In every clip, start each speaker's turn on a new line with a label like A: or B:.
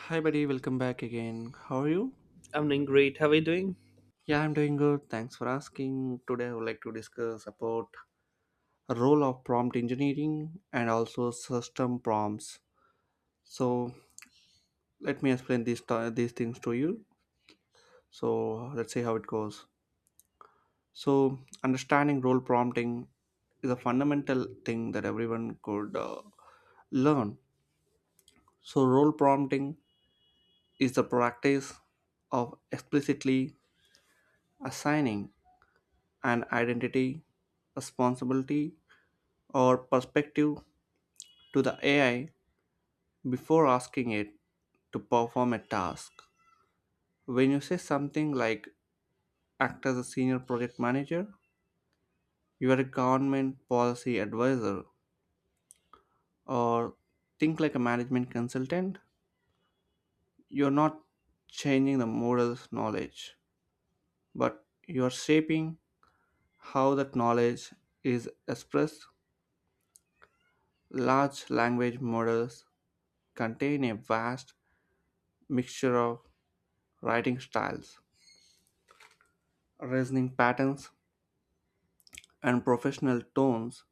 A: Hi, buddy. Welcome back again. How are you?
B: Evening, great. How are you doing?
A: Yeah, I'm doing good. Thanks for asking. Today, I would like to discuss about role of prompt engineering and also system prompts. So, let me explain these things to you. So, let's see how it goes. So, understanding role prompting is a fundamental thing that everyone could learn. So, role prompting is the practice of explicitly assigning an identity, responsibility, or perspective to the AI before asking it to perform a task. When you say something like act as a senior project manager, you are a government policy advisor, or think like a management consultant, you're not changing the model's knowledge, but you're shaping how that knowledge is expressed. Large language models contain a vast mixture of writing styles, reasoning patterns, and professional tones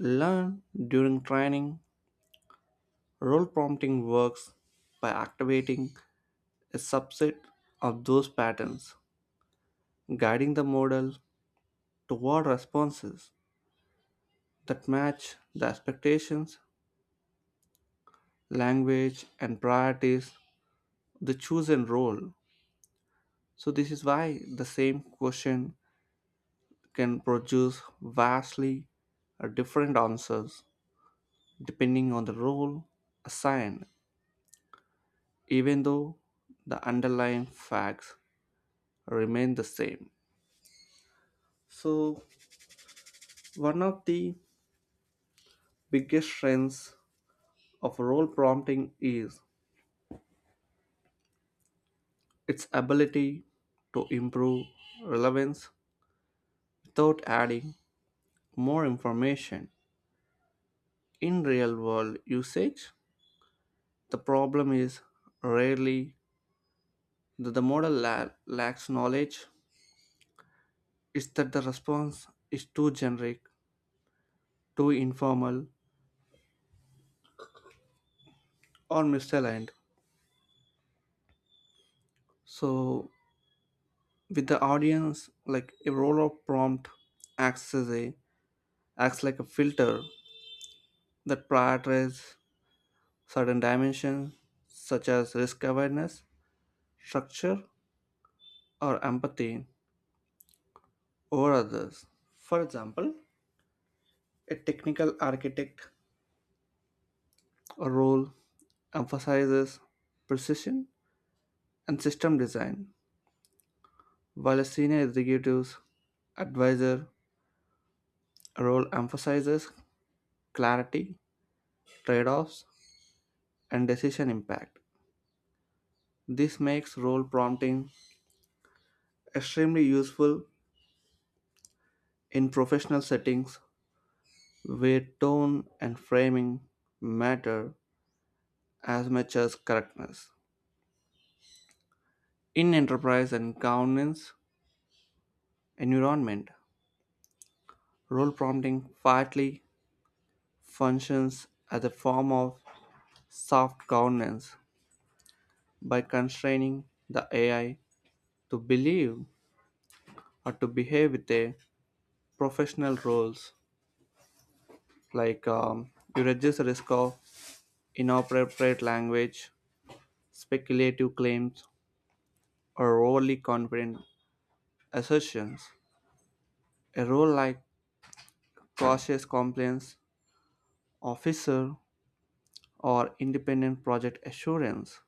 A: learned during training. Role prompting works by activating a subset of those patterns, guiding the model toward responses that match the expectations, language, and priorities of the chosen role. So, this is why the same question can produce vastly different answers depending on the role assigned, even though the underlying facts remain the same. So, one of the biggest strengths of role prompting is its ability to improve relevance without adding more information. In real world usage, the problem is rarely that the model lacks knowledge, it's that the response is too generic, too informal, or misaligned. So with the audience, like a role of prompt acts as a acts like a filter that prioritizes certain dimensions such as risk awareness, structure, or empathy over others. For example, a technical architect role emphasizes precision and system design, while a senior executive's advisor role emphasizes clarity, trade-offs, and decision impact. This makes role prompting extremely useful in professional settings where tone and framing matter as much as correctness. In enterprise and governance environment, role prompting partly functions as a form of soft governance by constraining the AI to believe or to behave with a professional roles like you reduce the risk of inappropriate language, speculative claims, or overly confident assertions. A role like cautious compliance officer or independent project assurance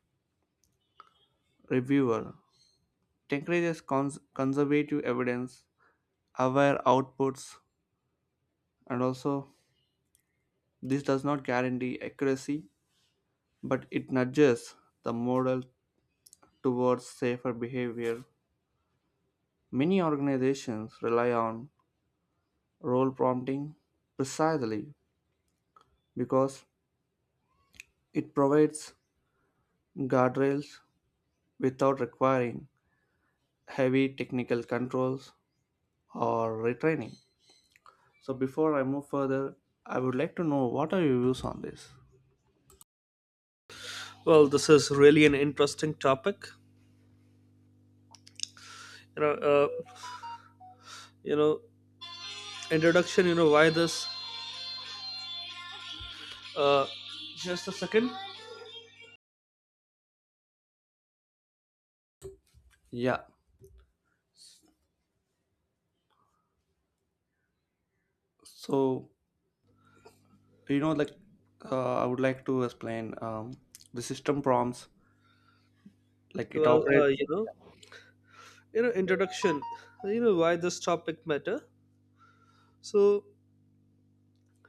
A: reviewer encourages conservative evidence, aware outputs, and also this does not guarantee accuracy, but it nudges the model towards safer behavior. Many organizations rely on role prompting precisely because it provides guardrails without requiring heavy technical controls or retraining. So before I move further, I would like to know what are your views on this?
B: Well, this is really an interesting topic. You know, uh, you know, Introduction. You know why this? Uh, just a second.
A: Yeah. So you know, like I would like to explain the system prompts, like it
B: Well, uh,
A: operates.
B: you know, Introduction. You know why this topic matter. So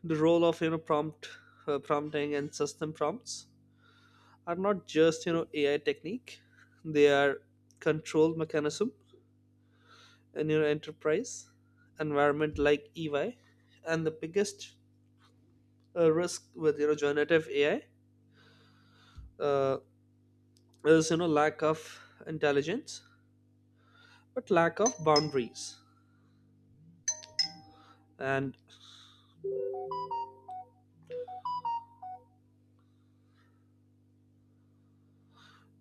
B: the role of prompt, prompting and system prompts are not just AI technique. They are control mechanism in your enterprise environment like EY, and the biggest A risk with generative AI uh, is lack of intelligence, but lack of boundaries and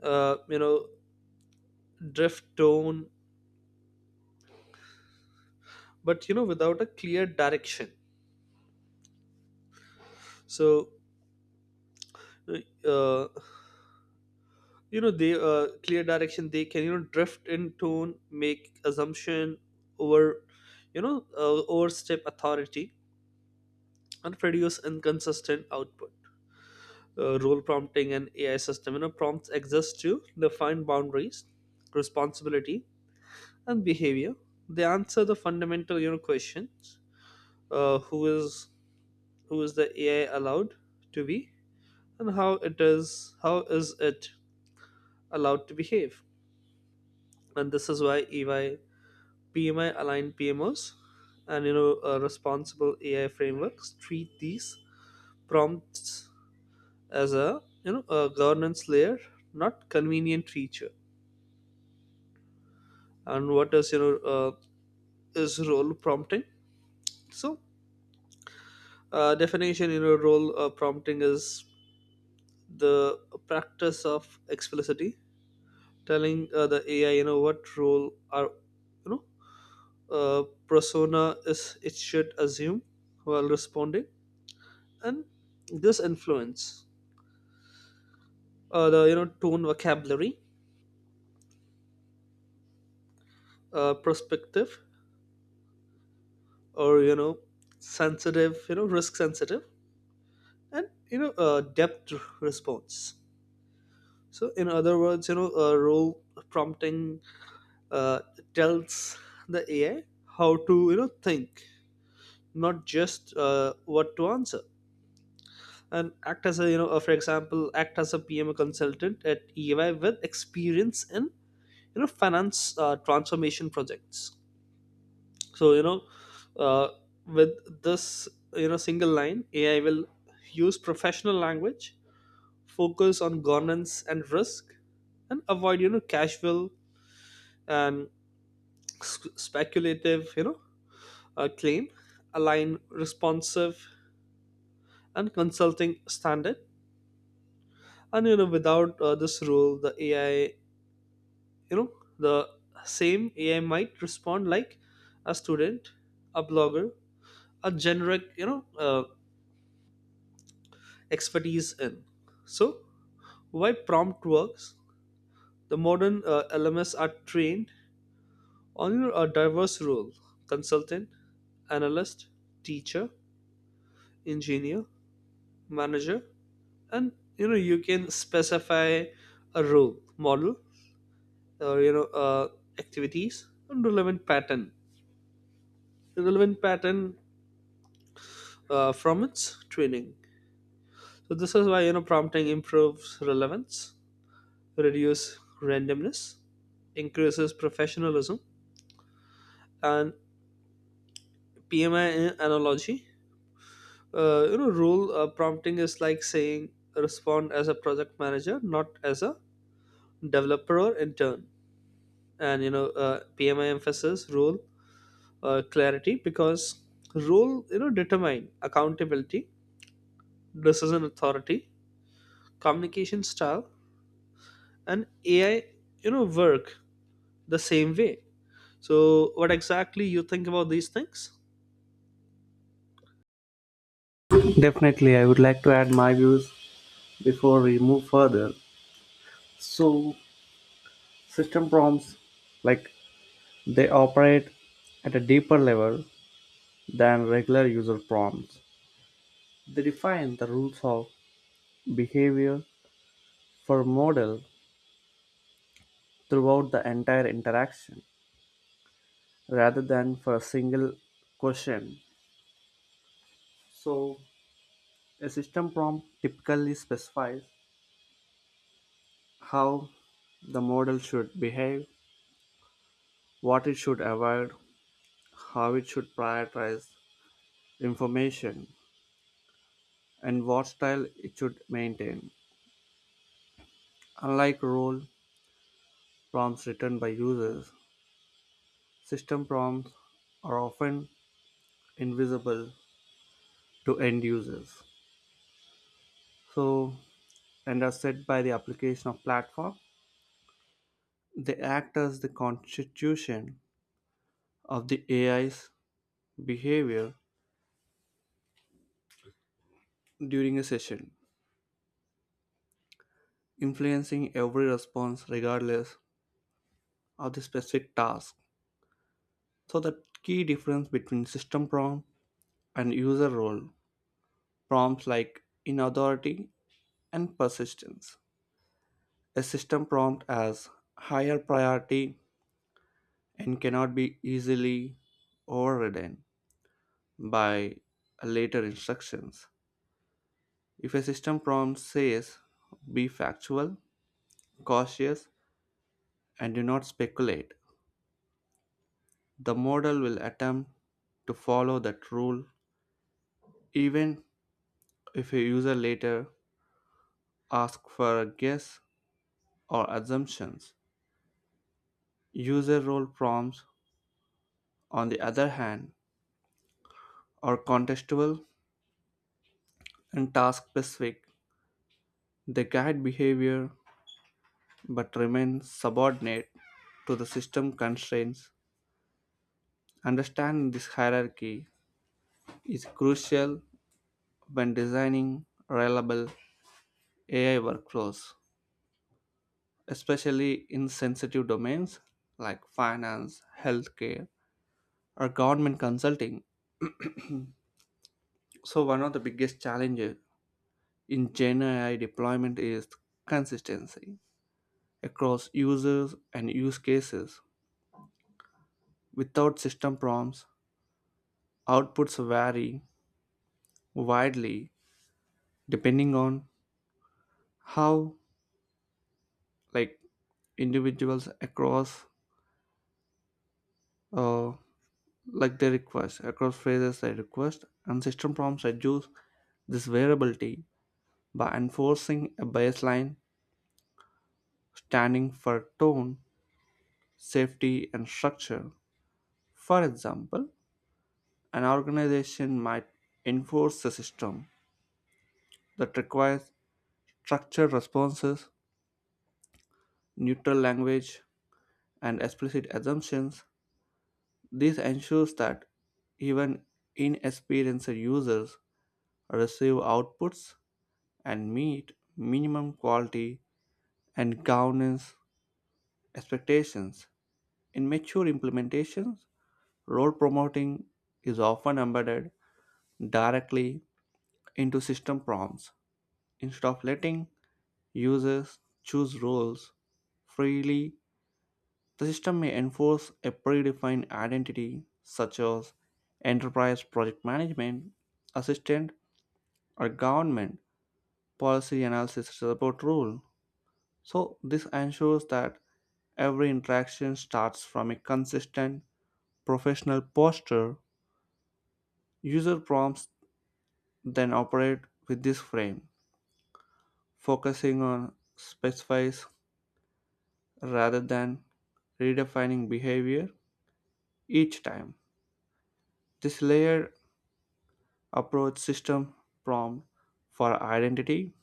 B: uh, you know drift tone, but without a clear direction. So uh, you know they clear direction they can drift in tone, make assumption over overstep authority and produce inconsistent output. Role prompting and AI system, prompts exist to define boundaries, responsibility, and behavior. They answer the fundamental questions: uh, who is who is the AI allowed to be, and how is it allowed to behave. And this is why EY PMI aligned PMOs and responsible AI frameworks treat these prompts as a you know a governance layer, not convenient feature. And what is your is role prompting, so definition in your role prompting is the practice of explicitly telling the AI what role are you know persona is it should assume while responding, and this influence the you know tone, vocabulary, perspective, or you know sensitive you know risk sensitive and depth response. So, in other words, role prompting uh, tells the AI how to, think, not just what to answer. And act as a, for example, act as a PM consultant at EY with experience in, finance transformation projects. So, uh, with this, single line, AI will use professional language, focus on governance and risk, and avoid, casual and speculative, claim, align responsive and consulting standard. And without this rule, the AI, you know, the same AI might respond like a student, a blogger, a generic, expertise in. So why prompt works? The modern LMS are trained on a diverse role: consultant, analyst, teacher, engineer, manager, and you can specify a role model or activities and relevant pattern from its training. So this is why prompting improves relevance, reduce randomness, increases professionalism. And PMI analogy, role prompting is like saying respond as a project manager, not as a developer or intern. And PMI emphasis role clarity, because role determine accountability, decision authority, communication style, and AI work the same way. So what exactly you think about these things?
A: Definitely, I would like to add my views before we move further. So system prompts, like they operate at a deeper level than regular user prompts, they define the rules of behavior for model throughout the entire interaction rather than for a single question. So a system prompt typically specifies how the model should behave, what it should avoid, how it should prioritize information, and what style it should maintain. Unlike role prompts written by users, system prompts are often invisible to end users. So, and are set by the application of platform. They act as the constitution of the AI's behavior during a session, influencing every response regardless of the specific task. So, the key difference between system prompt and user role prompts like in authority and persistence. A system prompt has higher priority and cannot be easily overridden by later instructions. If a system prompt says, be factual, cautious, and do not speculate, the model will attempt to follow that rule even if a user later asks for a guess or assumptions. User role prompts, on the other hand, are contextual and task specific. They guide behavior but remain subordinate to the system constraints. Understanding this hierarchy is crucial when designing reliable AI workflows, especially in sensitive domains like finance, healthcare, or government consulting. So, one of the biggest challenges in Gen AI deployment is consistency across users and use cases. Without system prompts, outputs vary widely depending on how, like, individuals across uh, like they request across phrases they request, and system prompts reduce this variability by enforcing a baseline standing for tone, safety, and structure. For example, an organization might enforce a system that requires structured responses, neutral language, and explicit assumptions. This ensures that even inexperienced users receive outputs and meet minimum quality and governance expectations. In mature implementations, role promoting is often embedded directly into system prompts. Instead of letting users choose roles freely, the system may enforce a predefined identity such as enterprise project management, assistant, or government policy analysis support role. So, this ensures that every interaction starts from a consistent professional posture. User prompts then operate with this frame, focusing on specifies rather than redefining behavior each time. This layered approach, system prompt for identity,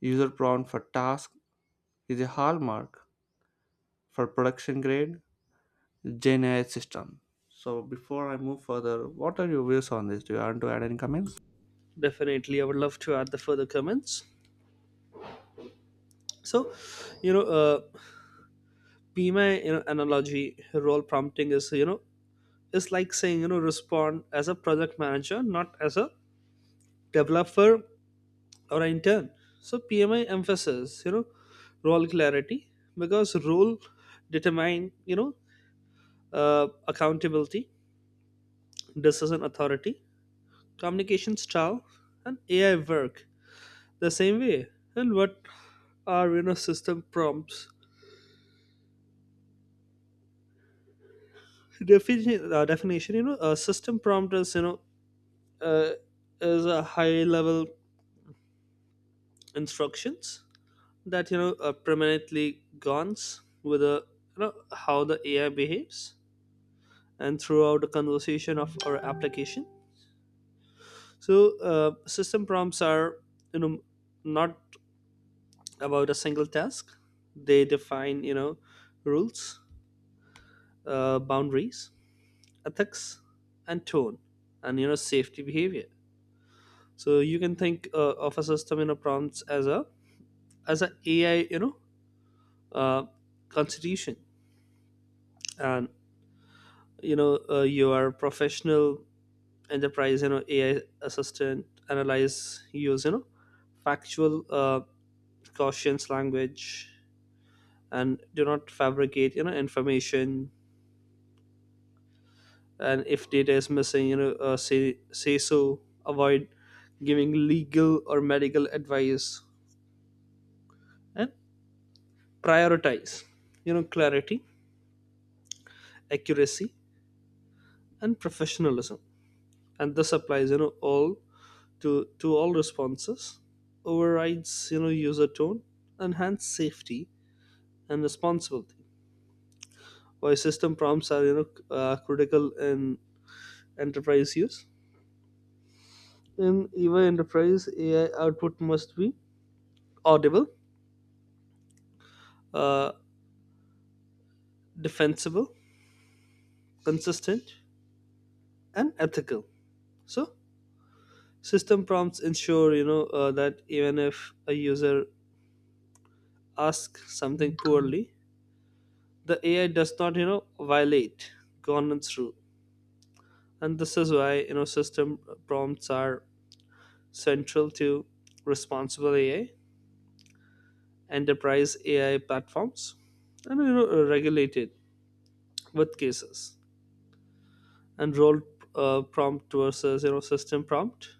A: user prompt for task, is a hallmark for production grade Gen AI system. So before I move further, what are your views on this? Do you want to add any comments?
B: Definitely, I would love to add the further comments. So you know uh PMI analogy role prompting is is like saying respond as a project manager, not as a developer or an intern. So PMI emphasizes, role clarity because role determine, accountability, decision authority, communication style, and AI work the same way. And what are system prompts? Definition: a system prompt is uh, is a high level instructions that are permanently guns with a how the AI behaves and throughout the conversation of our application. So system prompts are you know not about a single task. They define rules, boundaries, ethics, and tone, and safety behavior. So you can think of a system in a prompts as a ai you know uh, constitution. And your professional enterprise AI assistant analyze use factual, cautious language, and do not fabricate information. And if data is missing, say so. Avoid giving legal or medical advice, and prioritize clarity, accuracy, and professionalism. And this applies all to all responses, overrides user tone, enhance safety and responsibility. Why system prompts are critical in enterprise use. In even enterprise, AI output must be audible, uh, defensible, consistent, and ethical. So system prompts ensure that even if a user asks something poorly, the AI does not violate governance rule. And this is why system prompts are central to responsible AI, enterprise AI platforms, and regulated with cases. And role prompt versus system prompt.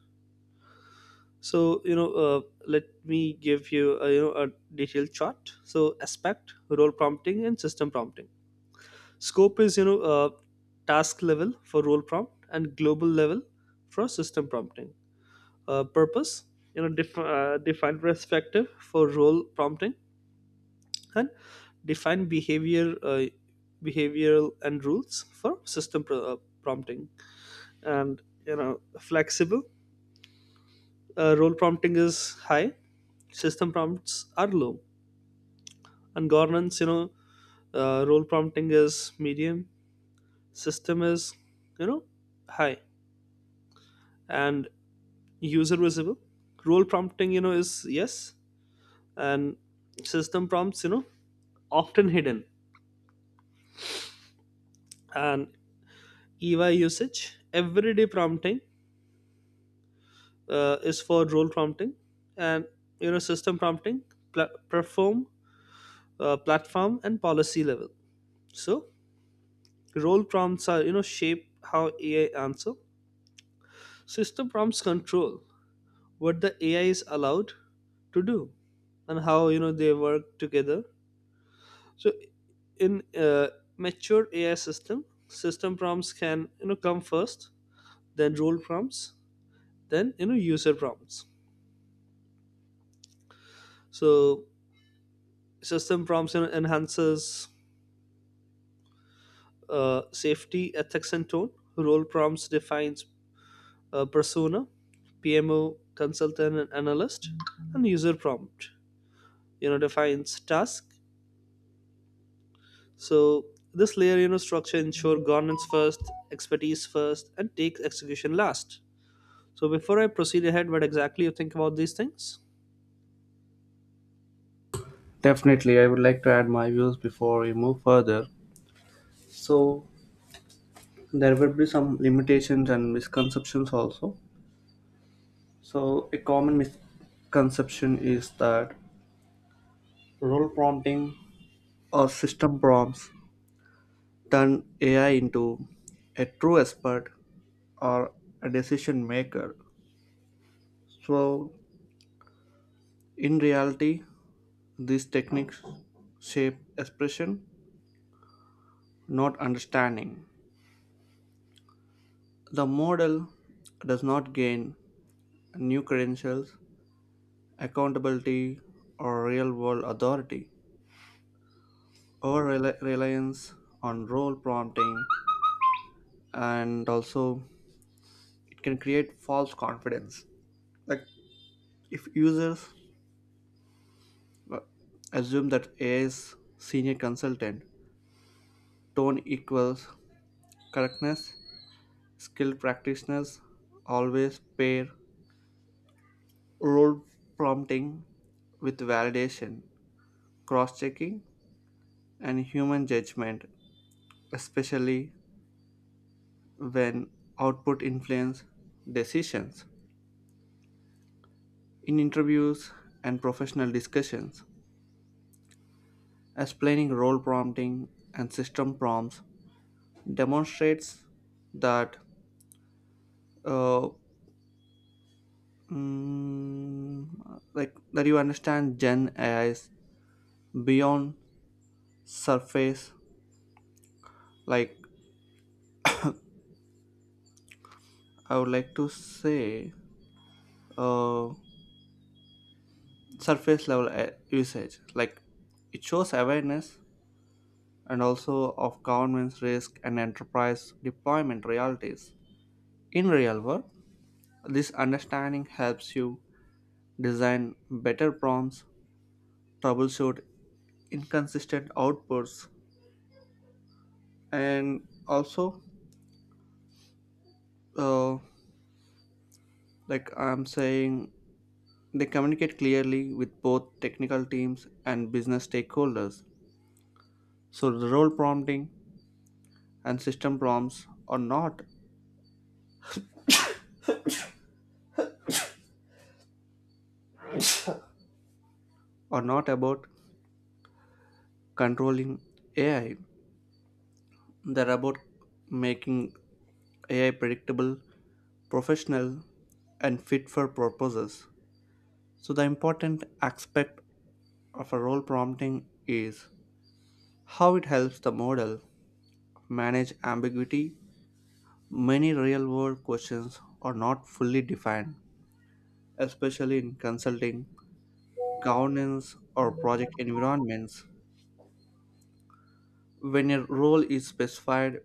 B: So let me give you a, a detailed chart. So aspect, role prompting, and system prompting. Scope is task level for role prompt and global level for system prompting. Purpose, defined perspective for role prompting, and define behavioral and rules for system prompting. And flexible, role prompting is high, system prompts are low. And governance, role prompting is medium, system is you know high. And user visible, role prompting is yes, and system prompts often hidden. And EY usage, everyday prompting is for role prompting, and system prompting perform platform and policy level. So role prompts are shape how AI answer, system prompts control what the AI is allowed to do. And how they work together. So in mature AI system, system prompts can come first, then role prompts, then user prompts. So system prompts enhances safety, ethics, and tone. Role prompts defines persona, PMO consultant and analyst. And user prompt defines task. So this layer structure ensure governance first, expertise first, and takes execution last. So before I proceed ahead, what exactly you think about these things?
A: Definitely, I would like to add my views before we move further. So there will be some limitations and misconceptions also. So a common misconception is that role prompting or system prompts turn AI into a true expert or a decision maker. So in reality, these techniques shape expression not understanding. The model does not gain new credentials, accountability, or real world authority. Over reliance on role prompting, and also it can create false confidence. Like if users uh, assume that AI's senior consultant tone equals correctness, skilled practitioners always pair role prompting with validation cross checking, and human judgment, especially when output influence decisions. In interviews and professional discussions, explaining role prompting and system prompts demonstrates that uh, like that you understand Gen AI's beyond surface. Like I would like to say, uh, surface level usage like it shows awareness and also of government's risk and enterprise deployment realities. In real work this understanding helps you design better prompts, troubleshoot inconsistent outputs, and also uh, like I'm saying, they communicate clearly with both technical teams and business stakeholders. So the role prompting and system prompts are not about controlling AI, they are about making AI predictable, professional, and fit for purposes. So, the important aspect of a role prompting is how it helps the model manage ambiguity. Many real world questions are not fully defined, especially in consulting, governance, or project environments. When a role is specified,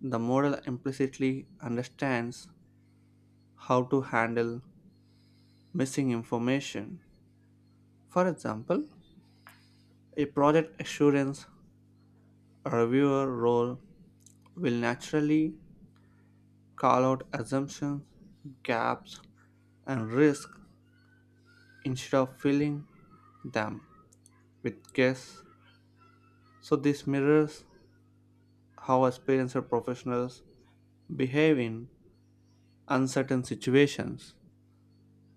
A: the model implicitly understands how to handle missing information. For example, a project assurance reviewer role will naturally call out assumptions, gaps, and risks instead of filling them with guess. So, this mirrors how experienced professionals behave in uncertain situations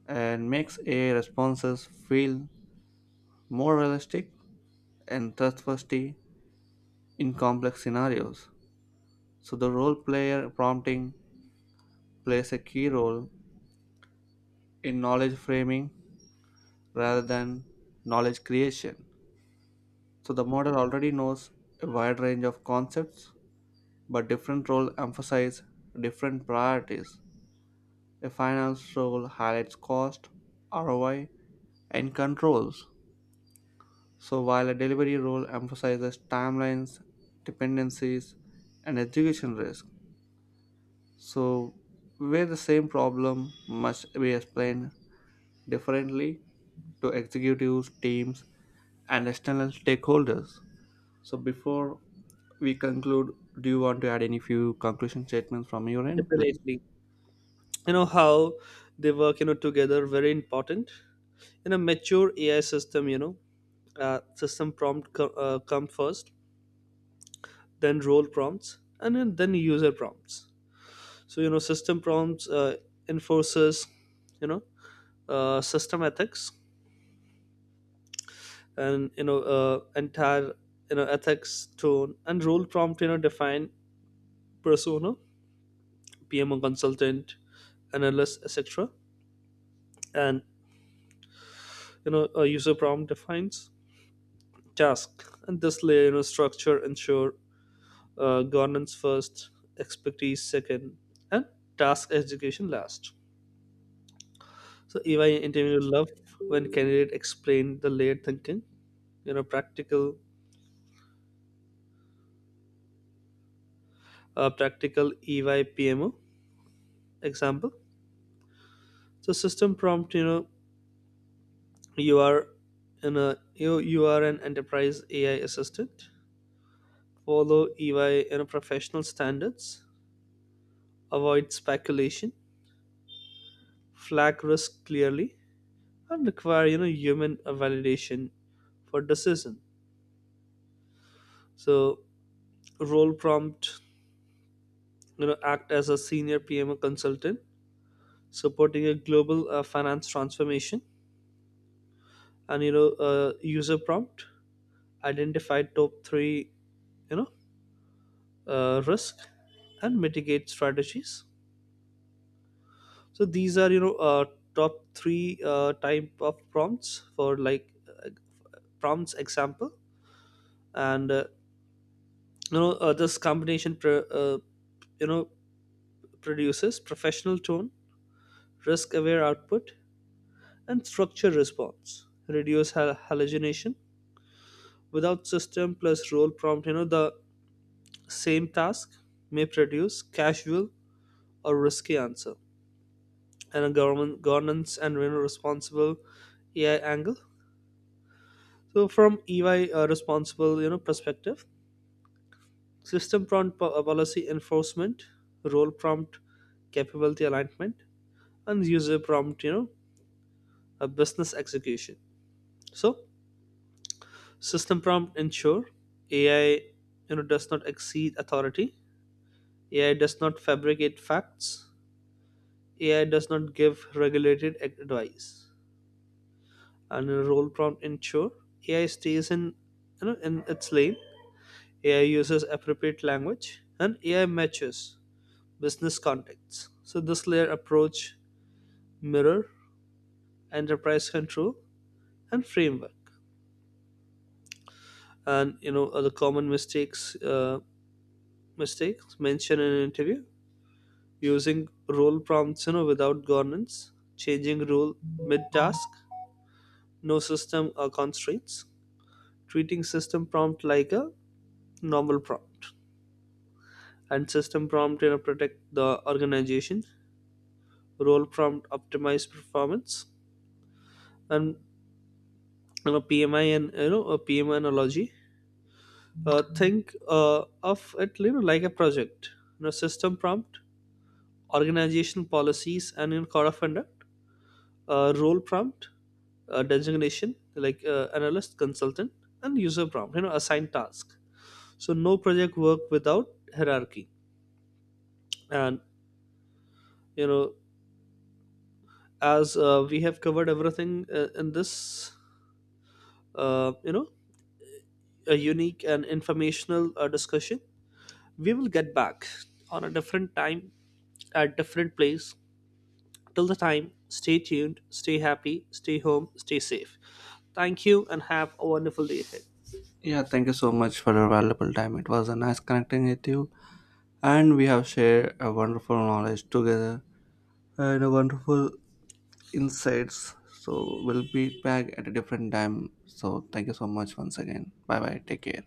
A: and makes AI responses feel more realistic and trustworthy in complex scenarios. So, the role player prompting plays a key role in knowledge framing rather than knowledge creation. So the model already knows a wide range of concepts, but different roles emphasize different priorities. A finance role highlights cost, ROI, and controls. So while a delivery role emphasizes timelines, dependencies, and execution risk. So where the same problem must be explained differently to executives, teams, and external stakeholders. So before we conclude, do you want to add any few conclusion statements from your end, please?
B: Definitely, how they work together, very important. In a mature AI system, system prompt come first, then role prompts, and then user prompts. So system prompts enforces you know system ethics and entire ethics tone. And role prompt define persona, PMO consultant, analyst, etc. And a user prompt defines task. And this layer structure ensure governance first, expertise second, and task execution last. So EY interview love when candidate explain the layered thinking, you know, practical, practical EY PMO example. So system prompt, you are in a you you are an enterprise AI assistant. Follow EY professional standards. Avoid speculation. Flag risk clearly, and require human validation for decision. So role prompt, act as a senior PMO consultant supporting a global finance transformation. And user prompt, identify top three you know risk and mitigate strategies. So these are top three type of prompts for like uh, prompts example. And this combination you know produces professional tone, risk aware output, and structured response, reduce hallucination. Without system plus role prompt, the same task may produce casual or risky answer. And a government governance and, responsible AI angle. So from EY responsible perspective, system prompt policy enforcement, role prompt capability alignment, and user prompt a business execution. So system prompt ensure AI does not exceed authority, AI does not fabricate facts, AI does not give regulated advice. And a role prompt ensure AI stays in in its lane. AI uses appropriate language, and AI matches business contexts. So this layer approach mirror enterprise control and framework. And other common mistakes mentioned in an interview: using role prompts without governance, changing role mid task, no system or constraints, treating system prompt like a normal prompt. And system prompt protect the organization, role prompt optimize performance. And PMI analogy, think of it, like a project. System prompt, organization policies and in code of conduct. Role prompt, designation like analyst, consultant. And user prompt, assigned task. So no project work without hierarchy. And you know as we have covered everything in this, uh, you know, a unique and informational discussion. We will get back on a different time at different place. Till the time, stay tuned, stay happy, stay home, stay safe. Thank you, and have a wonderful day ahead.
A: Yeah, thank you so much for your valuable time. It was a nice connecting with you, and we have shared a wonderful knowledge together and a wonderful insights. So we'll be back at a different time. So thank you so much once again. Bye bye. Take care.